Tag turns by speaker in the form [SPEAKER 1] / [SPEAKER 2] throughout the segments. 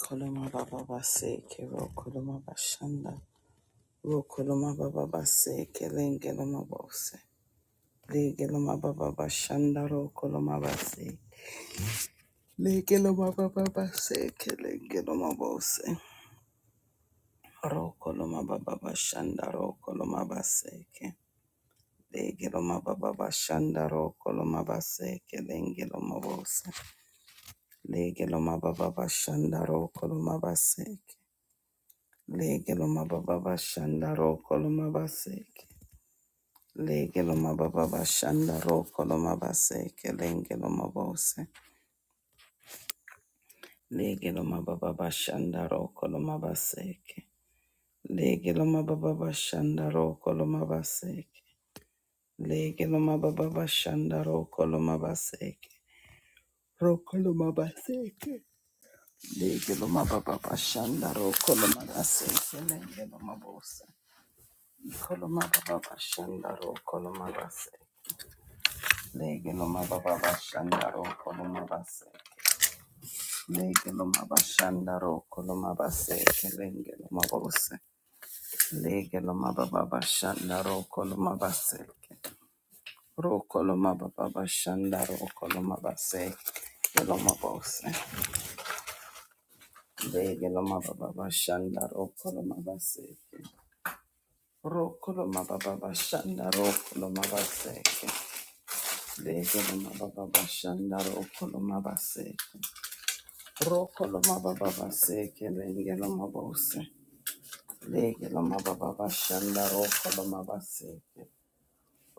[SPEAKER 1] Koloma baba baseke ro koloma bashanda ro koloma baba baseke lengeloma bose legeloma baba bashanda ro koloma baseke legeloma baba baseke lengeloma bose ro koloma baba bashanda ro koloma baseke legeloma baba bashanda ro koloma baseke lengeloma bose legeloma baba bashanda ro koloma baseke Lege lo mababa bashanda ro kolo mabaseke. Lege lo mababa bashanda ro kolo mabaseke. Lenge lo mabose. Lege lo mababa bashanda ro kolo mabaseke. Lege lo mababa bashanda ro kolo mabaseke. Lege lo mababa bashanda ro kolo mabaseke. Ro kolo mabaseke. Lege lo mababa bashanda ro kolo mabaseke. Lenge lo mabose. Kolo mababa bashanda ro kolo mabaseke. Lege no mababa bashandaro koloma base. Lege no mabashandaro koloma base kelenge no mabose. Lege no mababa bashandaro koloma base. Ro koloma baba bashandaro koloma base keloma bose. Lege no mababa bashandaro koloma base. Ro koloma baba bashandaro koloma base. Lege no mababa bashandaro koloma base. Rokoloma baba baseke lengeloma bose legeloma baba bashanda rokoloma baseke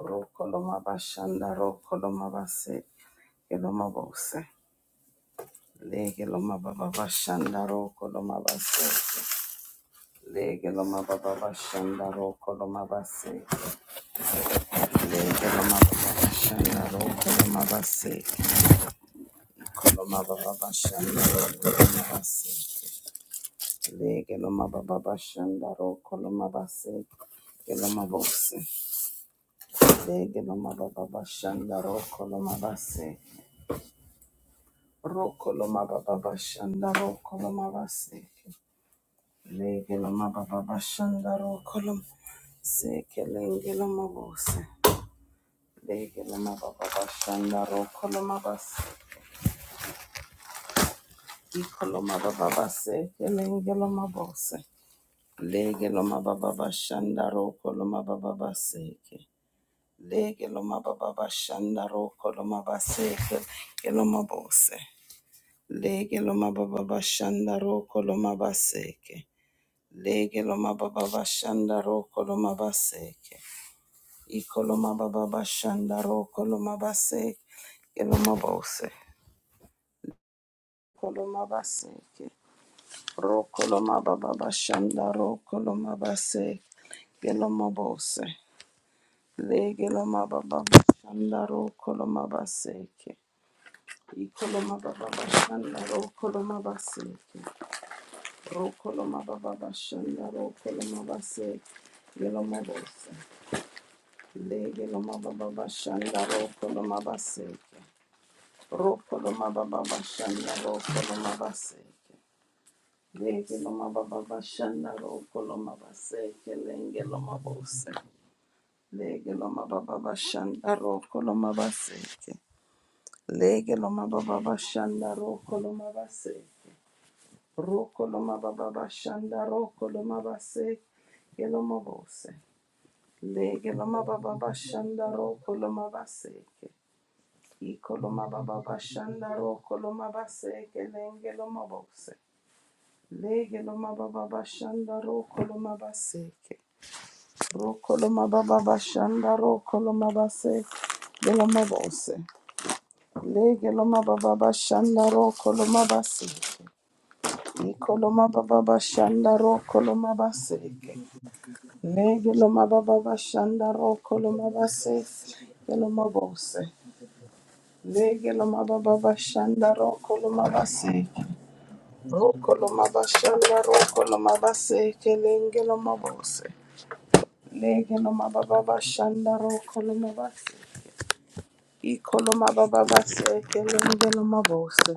[SPEAKER 1] rokoloma bashanda rokoloma baseke geloma bose legeloma baba bashanda rokoloma baseke legeloma baba bashanda rokoloma baseke legeloma baba bashanda rokoloma baseke koloma baba bashanda rokoloma baseke Legeloma baba bashanda ro koloma base geloma bose. Legeloma baba bashanda ro koloma base ro koloma baba bashanda ro koloma base. Legeloma baba bashanda ro koloma se kelengeloma bose. Legeloma baba bashanda ro koloma base ikoloma baba base kelengeloma bose. Legeloma baba bashanda ro koloma baba base. Lege loma baba bashanda roko loma baseke loma bose. Lege loma baba bashanda roko loma baseke. Lege loma baba bashanda roko loma baseke. Iko loma baba bashanda roko loma baseke loma bose. Koloma baseke. Roko loma baba bashanda roko loma baseke loma bose. Lege loma baba bashanda roko loma baseke. Ikoloma baba bashanda ro koloma baseke. Ro koloma baba bashanda ro koloma baseke. Yeloma bosa. Le yeloma baba bashanda ro koloma baseke. Ro koloma baba bashanda ro koloma baseke. Le yeloma baba bashanda ro koloma baseke. Lenge loma bosa. Le yeloma baba bashanda ro koloma baseke. Le yeloma baba bashanda ro koloma baseke. Roko loma baba bashanda roko loma base geloma bose. Lege loma baba bashanda roko loma baseke. Iko loma baba bashanda roko loma baseke lenge loma bose. Lege loma baba bashanda roko loma baseke. Roko loma baba bashanda roko loma base geloma bose. Lege loma baba bashanda roko loma base. Ikoloma baba bashanda ro koloma baseke. Legeloma baba bashanda ro koloma base. Geloma bose. Legeloma baba bashanda ro koloma base. Ro koloma bashanda ro koloma baseke. Lengeloma bose. Legeloma baba bashanda ro koloma base. Ikoloma baba baseke. Lengeloma bose.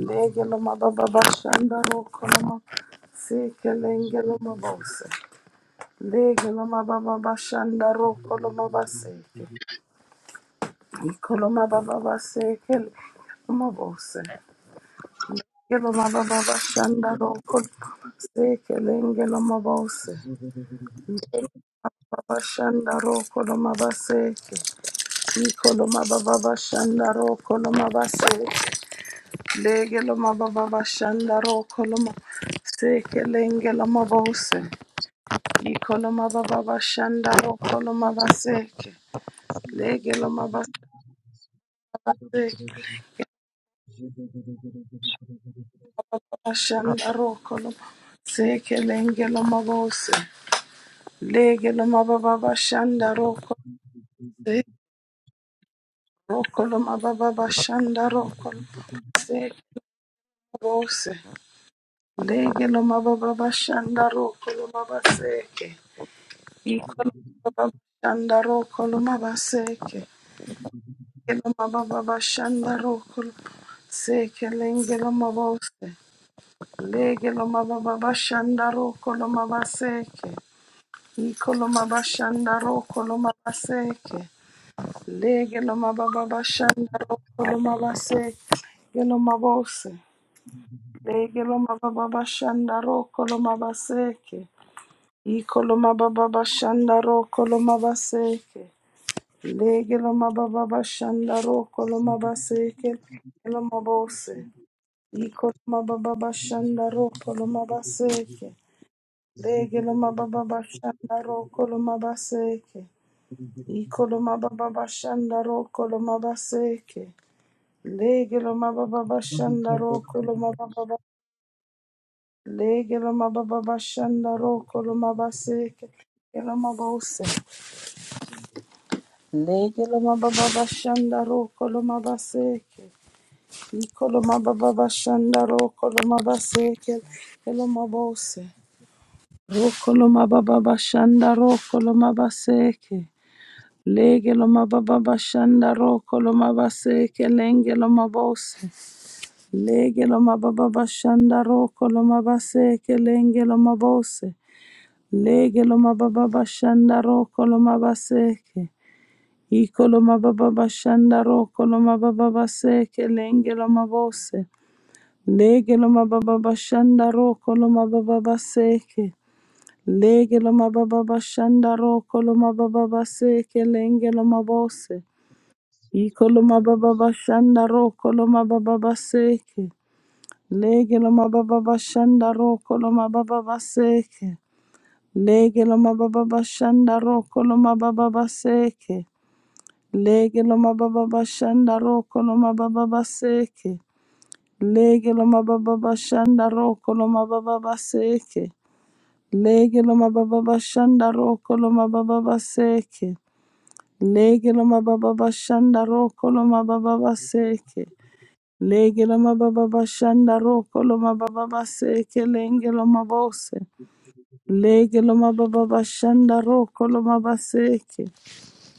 [SPEAKER 1] Legeloma baba bashanda ro koloma Sekelenge lomabose. Lege loma baba bashanda roko loma baseke. Iko loma baba baseke loma bose. Lege loma baba bashanda roko loma baseke lenge loma bose. Baba shanda roko loma baseke. Iko loma baba bashanda roko loma baseke. Lege loma baba bashanda roko loma baseke lenge loma bose. Iko loma baba bashanda roko loma baseke. Lege loma baseke. Ashanda roko seke lenge lo mabose lege mababa bashanda roko se roko lo mababa bashanda roko seke mabose lege mababa bashanda roko mabaseke iko mababa bashanda roko mabaseke lege mababa bashanda roko seke lenge mabose lege mababa bashanda roko mabaseke Ikoloma bashanda ro koloma baseke. Lege loma baba bashanda ro koloma baseke. Geloma bose. Lege loma baba bashanda ro koloma baseke. Ikoloma baba bashanda ro koloma baseke. Lege loma baba bashanda ro koloma
[SPEAKER 2] Thank
[SPEAKER 1] baseke. Geloma bose. Ikoloma baba bashanda ro koloma baseke. Lege loma baba bashanda ro koloma baseke. Ikoloma baba bashandaro koloma baseke. Legeloma baba bashandaro koloma baba. Legeloma baba bashandaro koloma baseke. Geloma bose. Legeloma baba bashandaro koloma baseke. Ikoloma baba bashandaro koloma baseke. Geloma bose. Ro koloma baba bashandaro koloma baseke. Lege loma baba bashanda roko loma baseke lenge loma bose. Lege loma baba bashanda roko loma baseke lenge loma bose. Lege loma baba bashanda roko loma baseke. Iko loma baba bashanda roko loma baba baseke lenge loma bose. Lege loma baba bashanda roko loma baba baseke. Lege loma baba bashanda roko loma baba baseke lenge loma bose. Ikoloma baba bashanda ro koloma baba baseke. Lege loma baba bashanda ro koloma baba baseke. Lege loma baba bashanda ro koloma baba baseke. Lege loma baba bashanda ro koloma baba baseke. Lege loma baba bashanda ro koloma baba baseke. Lege loma baba bashanda ro koloma baba baseke. Lege loma baba bashanda ro koloma baba baseke. Lege loma baba bashanda roko loma baba baseke lenge loma bose. Lege loma baba bashanda roko loma baseke.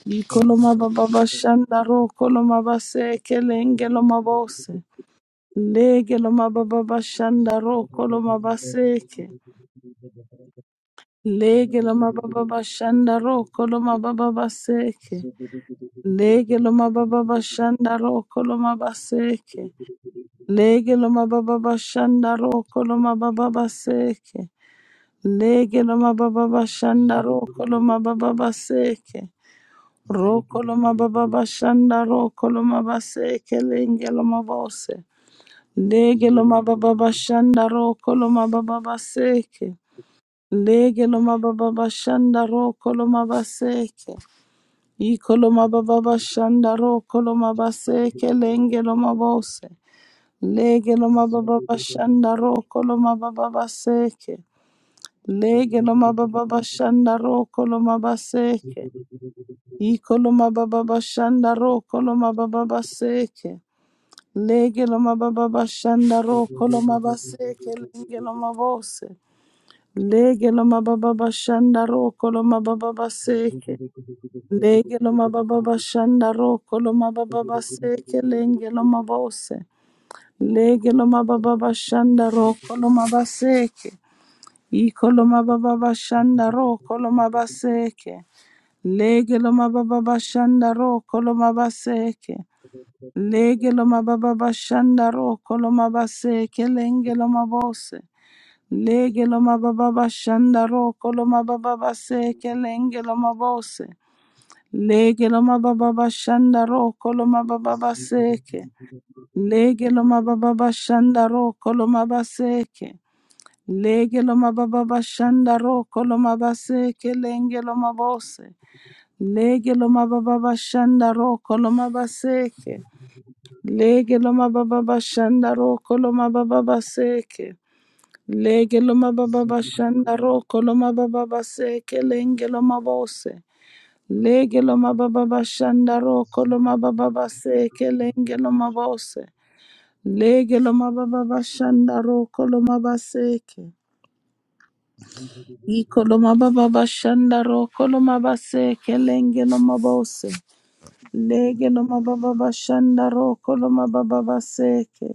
[SPEAKER 1] Iko loma baba bashanda roko loma baseke lenge loma bose. Lege loma baba bashanda roko loma baseke. Lege loma baba bashanda roko loma baba baseke. Lege loma baba bashanda roko loma baseke. Lege lo mababa bashanda roko lo mababa baseke. Lege lo mababa
[SPEAKER 2] you.
[SPEAKER 1] bashanda roko lo mababa baseke. Roko lo
[SPEAKER 2] Ziggy,
[SPEAKER 1] mababa bashanda roko lo mabaseke lenge lo mabose. Lege lo mababa bashanda roko lo mababa baseke. Lege lo mababa bashanda roko lo mabaseke. Iko lo mababa bashanda roko lo mabaseke lenge lo mabose. Lege lo mababa bashanda roko lo mababa baseke. Lege lo mababa bashanda roko lo mabaseke. Iko lo mababa bashanda roko lo mababa baseke. Lege lo mababa bashanda roko lo mabaseke. Lege lo mabose. Lege lo mababa bashanda roko lo mababa baseke. Lege lo mababa bashanda roko lo mababa baseke. Lenge lo mabose. Lege loma baba bashanda ro koloma baseke. I koloma baba bashanda ro koloma baseke. Lege loma baba bashanda ro koloma baseke. Lege loma baba bashanda ro koloma baseke lenge loma bose. Lege loma baba bashanda ro koloma baba baseke lenge loma bose. Lege loma baba bashanda ro koloma baba baseke. Lege lo mababa shandaro koloma baseke. Lege lo mababa shandaro koloma baseke lenge lo mabose. Lege lo mababa shandaro koloma baseke. Lege lo mababa shandaro koloma baba seke. Lege lo mababa shandaro koloma baba seke lenge lo mabose. Lege lo mababa shandaro koloma baba seke lenge lo mabose. Lege lo mababa bashanda roko lo mabaseke. Iko lo mababa bashanda roko lo mabaseke lenge lo mabose. Lege lo mababa bashanda roko lo mababa baseke.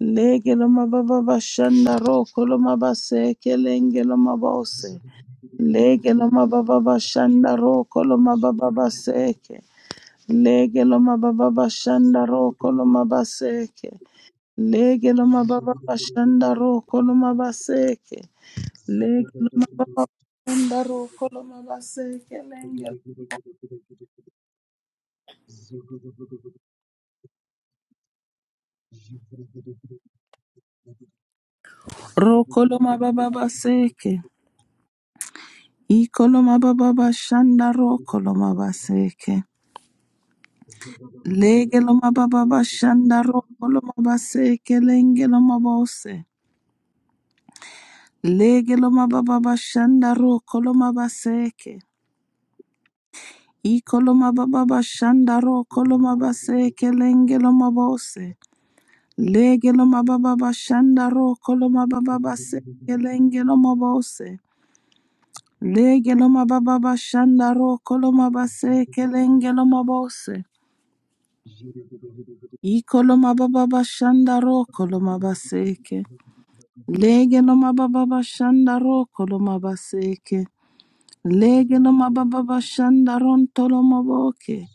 [SPEAKER 1] Lege lo mababa bashanda roko lo mabaseke lenge lo mabose. Lege lo mababa bashanda roko lo mababa baseke. Lege lo mababa
[SPEAKER 2] Thank
[SPEAKER 1] bashanda roko lo mabaseke. Lege loma baba bashanda roko loma baseke. Lege loma baba bashanda roko loma baseke lenge. Roko loma baba baseke. Iko loma baba bashanda roko loma baseke. Lege loma baba bashanda roko loma baseke lenge loma bose. Lege loma baba bashanda roko loma baseke. Iko loma baba bashanda roko loma baseke lenge loma bose. Legelo mababa shanda roko lo mababa base kelenge lo mabose. Legelo mababa shanda roko lo mabase kelenge lo mabose. Iko lo mababa shanda roko lo mabaseke. Legelo mababa shanda roko lo mabaseke. Legelo mababa shanda ronto lo maboke.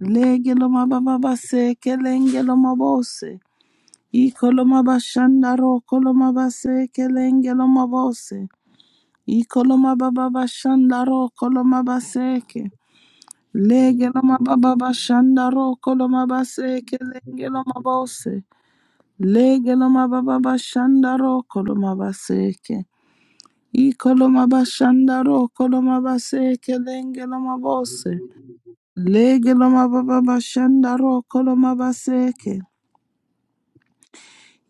[SPEAKER 1] Legelo mababa base kelenge lo mabose. Ikoloma bashandaro koloma base kelengeloma bose. Ikoloma baba bashandaro koloma baseke. Legeloma baba bashandaro koloma base kelengeloma bose. Legeloma baba bashandaro koloma baseke. Ikoloma bashandaro koloma base kelengeloma bose. Legeloma baba bashandaro koloma baseke.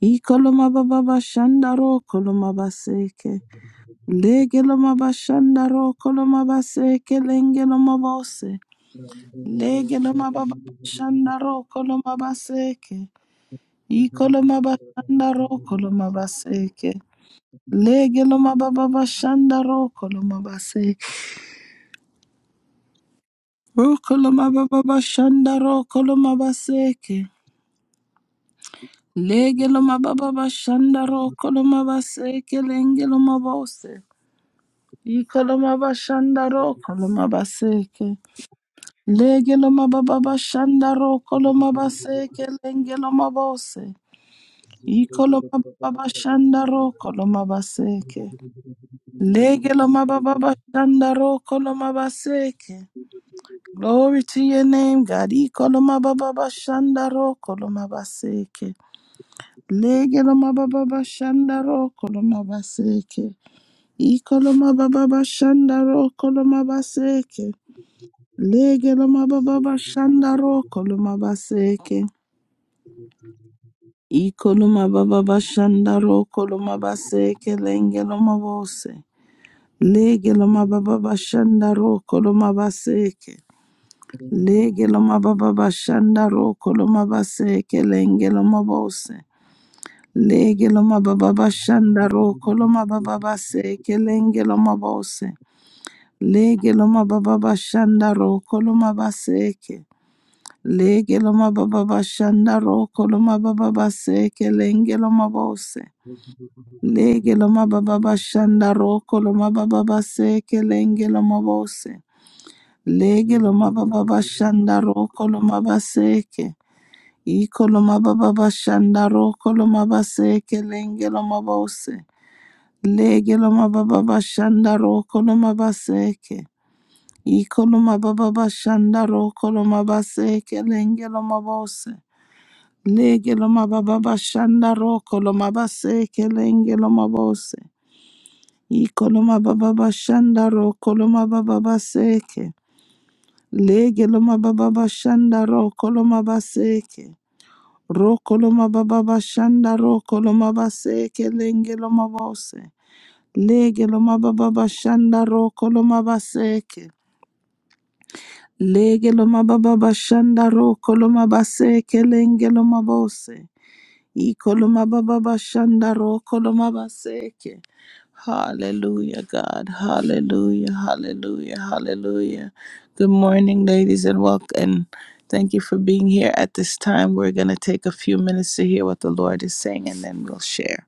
[SPEAKER 1] Ikoloma baba bashandaro koloma baseke. Lege loma bashanda ro koloma base kelenge loma bose. Lege loma baba bashanda ro koloma baseke. I koloma bashanda ro koloma baseke. Lege loma baba bashanda ro koloma baseke. Ro koloma baba bashanda ro Lege loma baba bashanda ro koloma lenge loma bose. I koloma bashanda ro koloma baseke. Legelo mababa shandaro kolomaba seke lengelo mabose. Ikolo mababa
[SPEAKER 2] you.
[SPEAKER 1] shandaro kolomaba seke.
[SPEAKER 2] Hallelujah.
[SPEAKER 1] Legelo mababa shandaro kolomaba seke. Glory to your name, God. Ikolo mababa shandaro kolomaba seke. Legelo mababa shandaro kolomaba seke. Ikolo mababa shandaro kolomaba seke. Legelo mababa shandaro kolomaba seke. Ikoloma baba bashanda ro koloma baseke lenge loma bose. Lege loma baba bashanda ro koloma baseke. Lege loma baba bashanda ro koloma baseke lenge loma bose. Lege loma baba bashanda ro koloma baba baseke lenge loma bose. Lege loma baba bashanda ro koloma baseke. Lege loma baba bashanda ro koloma baba baseke lenge loma bose. Lege lo mababa shanda roko lo mababa seke lenge lo mabose. Lege lo mababa shanda roko lo mabaseke. Iko lo mababa shanda roko lo mabaseke lenge lo mabose. Lege lo mababa shanda roko lo mabaseke. Iko lo mababa shanda roko lo mabaseke lenge lo mabose. Lege lo mababa shanda roko lo mabaseke lenge lo mabose. Ikoloma baba bashandaro koloma baba baseke. Lege loma baba bashandaro koloma baseke. Ro koloma baba bashandaro koloma baseke lenge loma bose. Lege loma baba bashandaro koloma baseke. Lege loma baba bashandaro koloma baseke lenge loma bose. Ikoloma baba bashanda koloma baseke. Hallelujah, God. Hallelujah, hallelujah, hallelujah. Good morning, ladies, and welcome. And Thank you for being here at this time. We're going to take a few minutes to hear what the Lord is saying and then we'll share.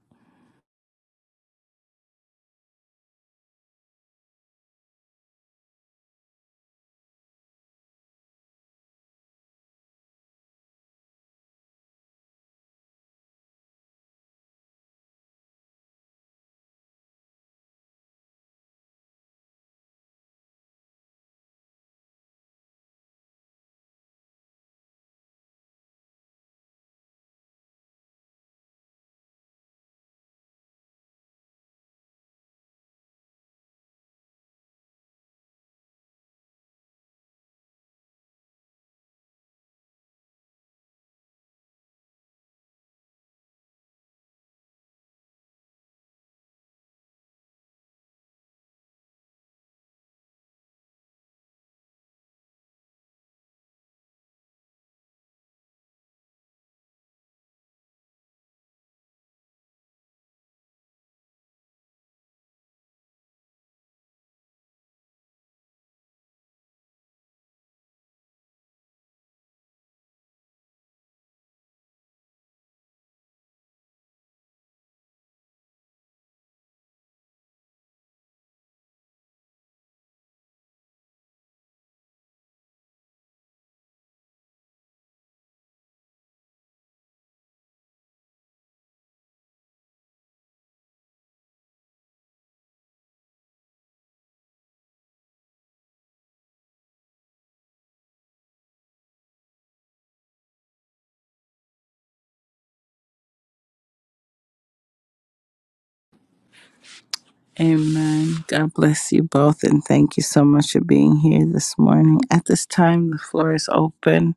[SPEAKER 1] Amen. God bless you both and thank you so much for being here this morning. At this time, the floor is open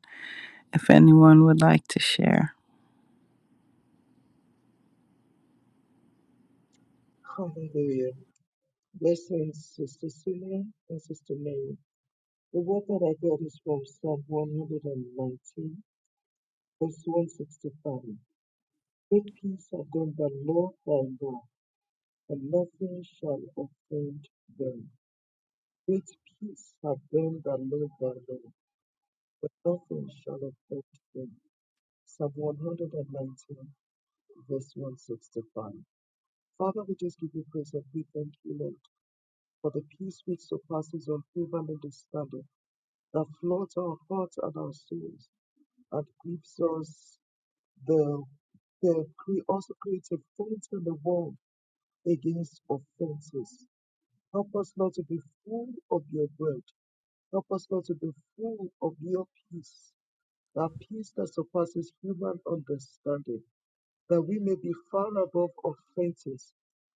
[SPEAKER 1] if anyone would like to share.
[SPEAKER 2] Blessings, Sister Celia and Sister Mary. The word that I got is from Psalm 119, verse 165. Great peace have done the Lord thy God and nothing shall offend them. With peace have them that love thy law, but nothing shall offend them. Psalm 119, verse 165. Father, we just give you praise and we thank you, Lord, for the peace which surpasses all human understanding that floods our hearts and our souls and gives us the, the cre- also creates a fence in the world against offenses. Help us not to be full of your word Help us, Lord, to be full of your peace, that peace that surpasses human understanding, that we may be far above offenses,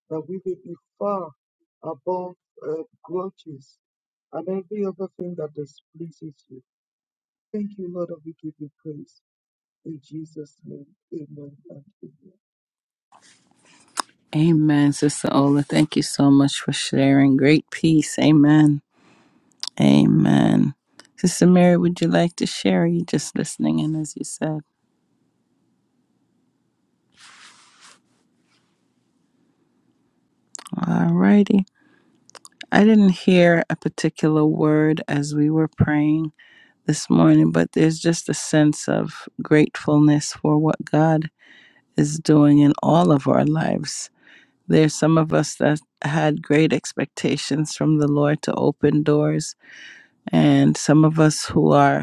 [SPEAKER 2] that we may be far above uh, grudges and every other thing that displeases you. Thank you, Lord, and we give you praise. In Jesus' name, amen and amen.
[SPEAKER 1] Amen, Sister Ola. Thank you so much for sharing. Great peace. Amen. Amen. Sister Mary, would you like to share? Are you just listening in, as you said? All righty. I didn't hear a particular word as we were praying this morning, but there's just a sense of gratefulness for what God is doing in all of our lives. There's some of us that had great expectations from the Lord to open doors, and some of us who are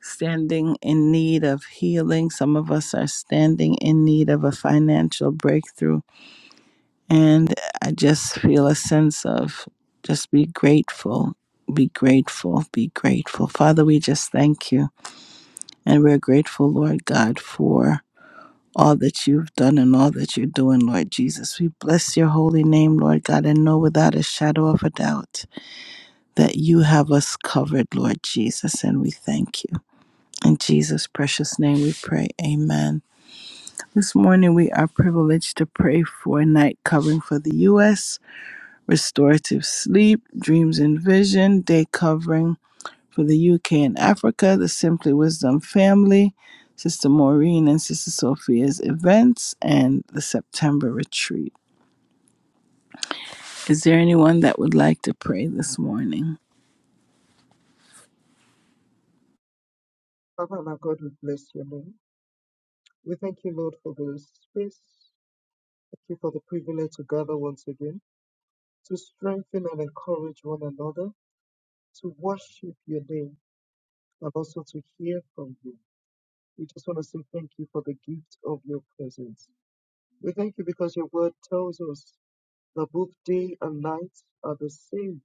[SPEAKER 1] standing in need of healing. Some of us are standing in need of a financial breakthrough. And I just feel a sense of just be grateful, be grateful, be grateful. Father, we just thank you. And we're grateful, Lord God, for all that you've done and all that you're doing, Lord Jesus. We bless your holy name, Lord God, and know without a shadow of a doubt that you have us covered, Lord Jesus. And we thank you. In Jesus' precious name we pray. Amen. This morning we are privileged to pray for a night covering for the U.S., restorative sleep, dreams and vision, day covering for the U.K. and Africa, the Simply Wisdom family, Sister Maureen and Sister Sophia's events, and the September retreat. Is there anyone that would like to pray this morning?
[SPEAKER 2] Father and our God, we bless your name. We thank you, Lord, for the space. Thank you for the privilege to gather once again to strengthen and encourage one another to worship your name and also to hear from you. We just want to say thank you for the gift of your presence. We thank you because your word tells us that both day and night are the same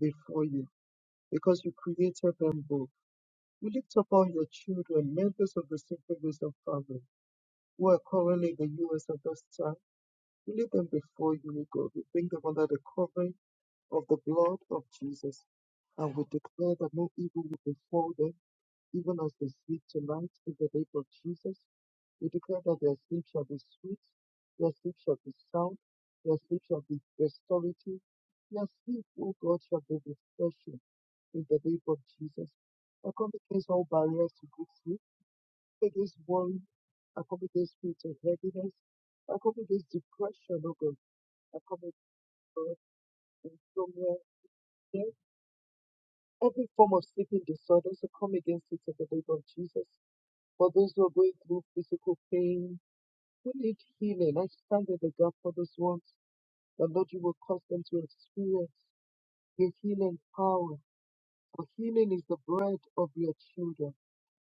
[SPEAKER 2] before you because you created them both. We lift up all your children, members of the Simple Wisdom family who are currently in the U.S. at this time. We lift them before you, O God. We bring them under the covering of the blood of Jesus. And we declare that no evil will befall them even as they sleep tonight in the name of Jesus. We declare that their sleep shall be sweet, their sleep shall be sound, their sleep shall be restorative, their sleep, O God, shall be refreshing in the name of Jesus. I come against all barriers to good sleep, against worry, I come against spirits of heaviness, I come against depression, O God, I come against insomnia, every form of sleeping disorders, I come against it in the name of Jesus. For those who are going through physical pain, who need healing, I stand in the gap for those ones. The Lord, you will cause them to experience your healing power. For healing is the bread of your children.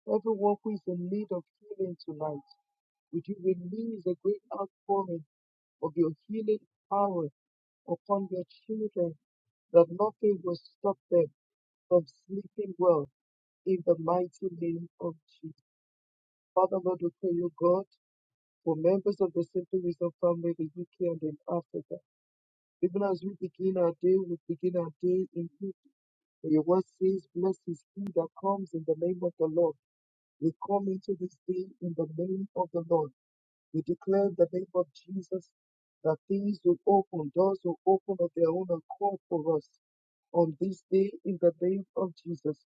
[SPEAKER 2] Everyone who is in need of healing tonight, would you release a great outpouring of your healing power upon your children that nothing will stop them from sleeping well in the mighty name of Jesus. Father, Lord, we pray, O God. for members of the Simply Wisdom family in the UK and in Africa. Even as we begin our day, we begin our day in you. For your word says, Blessed is he that comes in the name of the Lord. We come into this day in the name of the Lord. We declare in the name of Jesus that things will open, doors will open of their own accord for us on this day in the name of Jesus.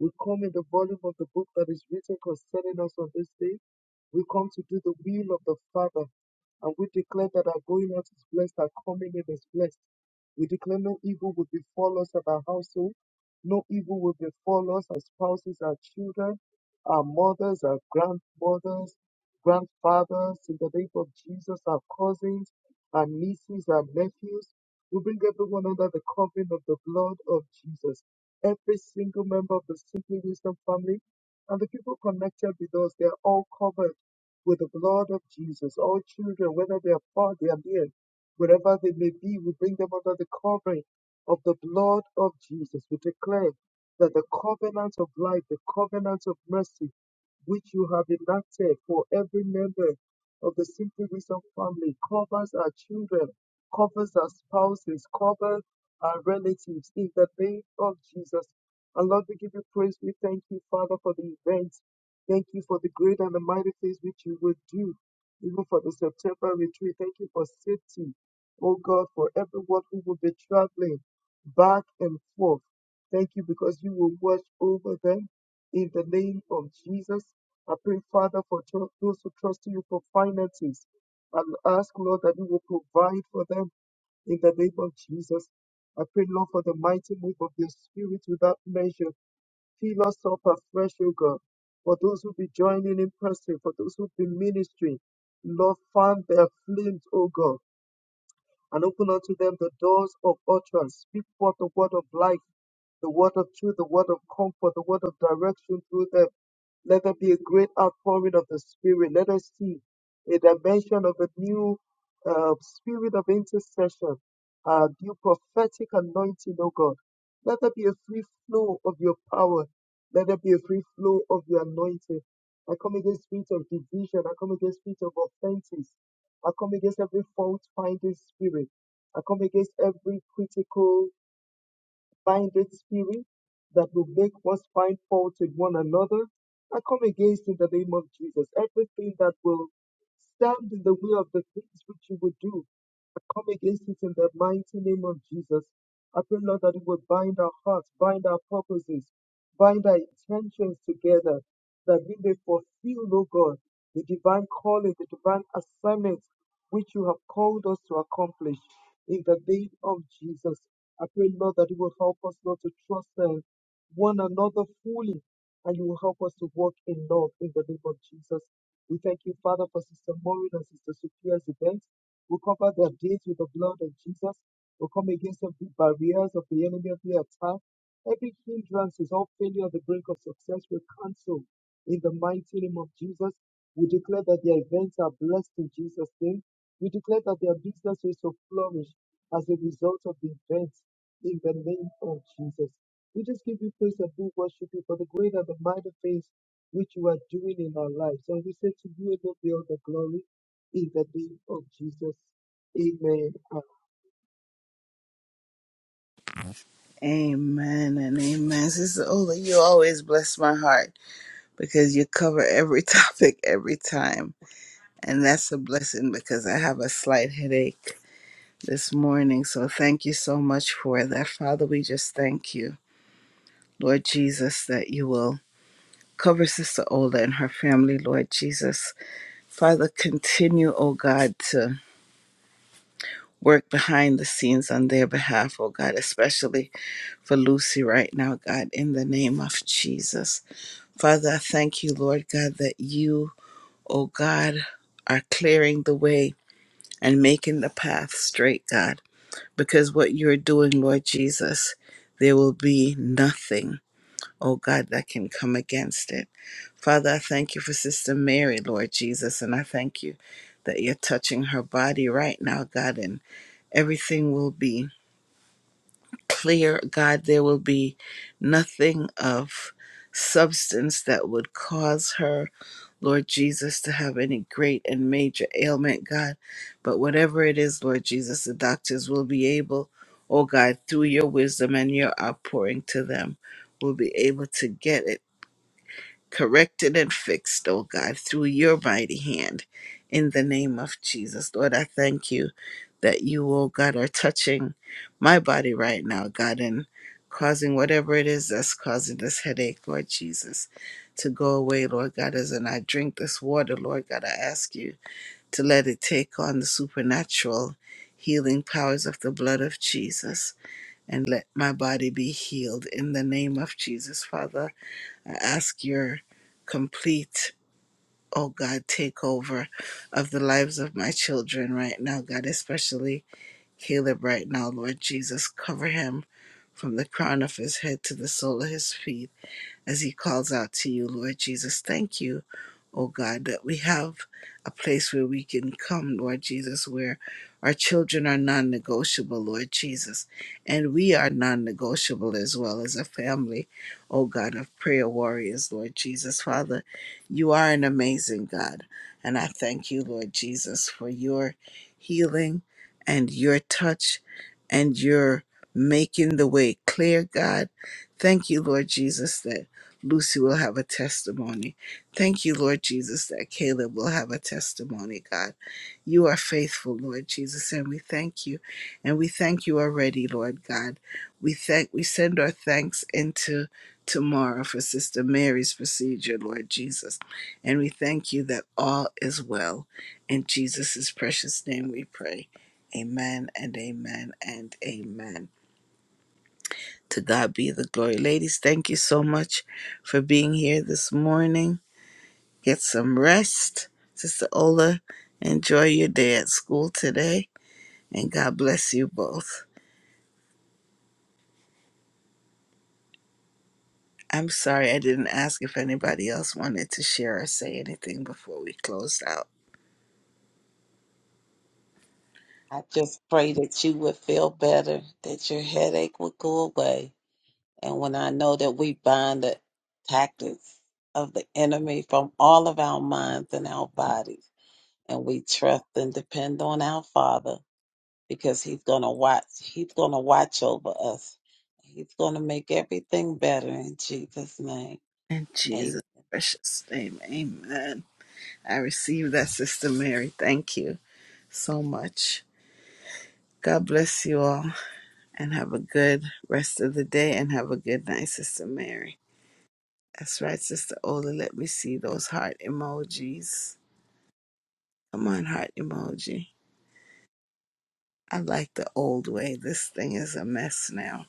[SPEAKER 2] We come in the volume of the book that is written concerning us on this day. We come to do the will of the Father. And we declare that our going out is blessed, our coming in is blessed. We declare no evil will befall us at our household, no evil will befall us, our spouses, our children, our mothers, our grandmothers, grandfathers, in the name of Jesus, our cousins, our nieces, our nephews. We bring everyone under the covering of the blood of Jesus. Every single member of the Simply Wisdom family and the people connected with us, they are all covered with the blood of Jesus. All children, whether they are far, they are near, wherever they may be, we bring them under the covering of the blood of Jesus. We declare that the covenant of life, the covenant of mercy, which you have enacted for every member of the Simply Wisdom family, covers our children, covers our spouses, covers our relatives in the name of Jesus. And Lord, we give you praise. We thank you, Father, for the event Thank you for the great and the mighty things which you would do, even for the September retreat. Thank you for safety, oh God, for everyone who will be traveling back and forth. Thank you because you will watch over them in the name of Jesus. I pray, Father, for tho- those who trust you for finances. And ask, Lord, that you will provide for them in the name of Jesus. I pray, Lord, for the mighty move of your spirit without measure Fill us up afresh, O God. For those who be joining in person, for those who be ministering, Lord, fan their flames, O God, and open unto them the doors of utterance. Speak forth the word of life the word of truth, the word of comfort, the word of direction through them. Let there be a great outpouring of the Spirit. Let us see a dimension of a new uh, spirit of intercession, a new prophetic anointing, oh God. Let there be a free flow of your power. Let there be a free flow of your anointing. I come against spirit of division. I come against spirit of offenses. I come against every fault finding spirit. I come against every critical blinded spirit that will make us find fault with one another. I come against in the name of Jesus everything that will stand in the way of the things which you would do. I come against it in the mighty name of Jesus. I pray, Lord, that you would bind our hearts, bind our purposes, bind our intentions together, that we may fulfill, O God the divine calling, the divine assignment which you have called us to accomplish. In the name of Jesus, I pray, Lord, that you will help us, Lord, to trust uh, one another fully, and you will help us to walk in love. In the name of Jesus, we thank you, Father, for Sister Maureen and Sister Sophia's event. We cover their days with the blood of Jesus. We come against every barriers of the enemy, every attack, every hindrance is all failure, on the brink of success. We cancel in the mighty name of Jesus. We declare that their events are blessed in Jesus' name. We declare that their businesses will flourish as a result of the events in the name of Jesus. We just give you praise and we worship you for the great and the mighty things which you are doing in our lives. And we say to you alone be all the glory in the name of Jesus. Amen.
[SPEAKER 1] Amen and amen. Sister Ola, you always bless my heart. because you cover every topic every time. And that's a blessing because I have a slight headache this morning. So thank you so much for that. Father, we just thank you, Lord Jesus, that you will cover Sister Ola and her family, Lord Jesus. Father, continue, oh God, to work behind the scenes on their behalf, oh God, especially for Lucy right now, God, in the name of Jesus. Father, I thank you, Lord God, that you oh God, are clearing the way and making the path straight, God. Because what you're doing, Lord Jesus, there will be nothing, oh God, that can come against it. Father, I thank you for Sister Mary, Lord Jesus, and I thank you that you're touching her body right now, God, and everything will be clear, God. There will be nothing of substance that would cause her Lord Jesus, to have any great and major ailment, God. But whatever it is, Lord Jesus, the doctors will be able, oh God, through your wisdom and your outpouring to them, will be able to get it corrected and fixed, oh God, through your mighty hand. In the name of Jesus, Lord, I thank you that you, oh God, are touching my body right now, God, and causing whatever it is that's causing this headache, Lord Jesus, to go away, Lord God. As and I drink this water, Lord God, I ask you to let it take on the supernatural healing powers of the blood of Jesus and let my body be healed in the name of Jesus, Father. I ask your complete, oh God, takeover of the lives of my children right now, God, especially Caleb right now, Lord Jesus. Cover him from the crown of his head to the sole of his feet as he calls out to you, Lord Jesus. Thank you oh God, that we have a place where we can come, Lord Jesus, where our children are non negotiable, Lord Jesus, and we are non negotiable as well as a family, oh God, of prayer warriors, Lord Jesus. Father, you are an amazing God, and I thank you, Lord Jesus, for your healing and your touch and your making the way clear, God. Thank you, Lord Jesus, that Lucy will have a testimony Thank you, Lord Jesus, that Caleb will have a testimony, God. You are faithful, Lord Jesus, and we thank you. And we thank you already, Lord God. We thank we send our thanks into tomorrow for Sister Mary's procedure, Lord Jesus. And we thank you that all is well. In Jesus' precious name we pray. Amen and amen and amen. To God be the glory. Ladies, thank you so much for being here this morning. Get some rest, Sister Ola. Enjoy your day at school today, and God bless you both. I'm sorry I didn't ask if anybody else wanted to share or say anything before we closed out.
[SPEAKER 3] I just pray that you would feel better, that your headache would go away. And when I know that we bind the tactics of the enemy from all of our minds and our bodies, and we trust and depend on our Father because He's going to watch, He's going to watch over us. He's going to make everything better in Jesus' name.
[SPEAKER 1] In
[SPEAKER 3] Amen.
[SPEAKER 1] Jesus' precious name, amen. I receive that, Sister Mary. Thank you so much. God bless you all and have a good rest of the day and have a good night, Sister Mary. That's right, Sister Ola. Let me see those heart emojis. Come on, heart emoji. I like the old way. This thing is a mess now.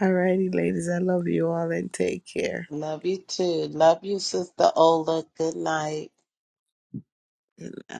[SPEAKER 1] Alrighty, ladies, I love you all and take care.
[SPEAKER 3] Love you too. Love you, Sister Ola. Good night.
[SPEAKER 1] Good night.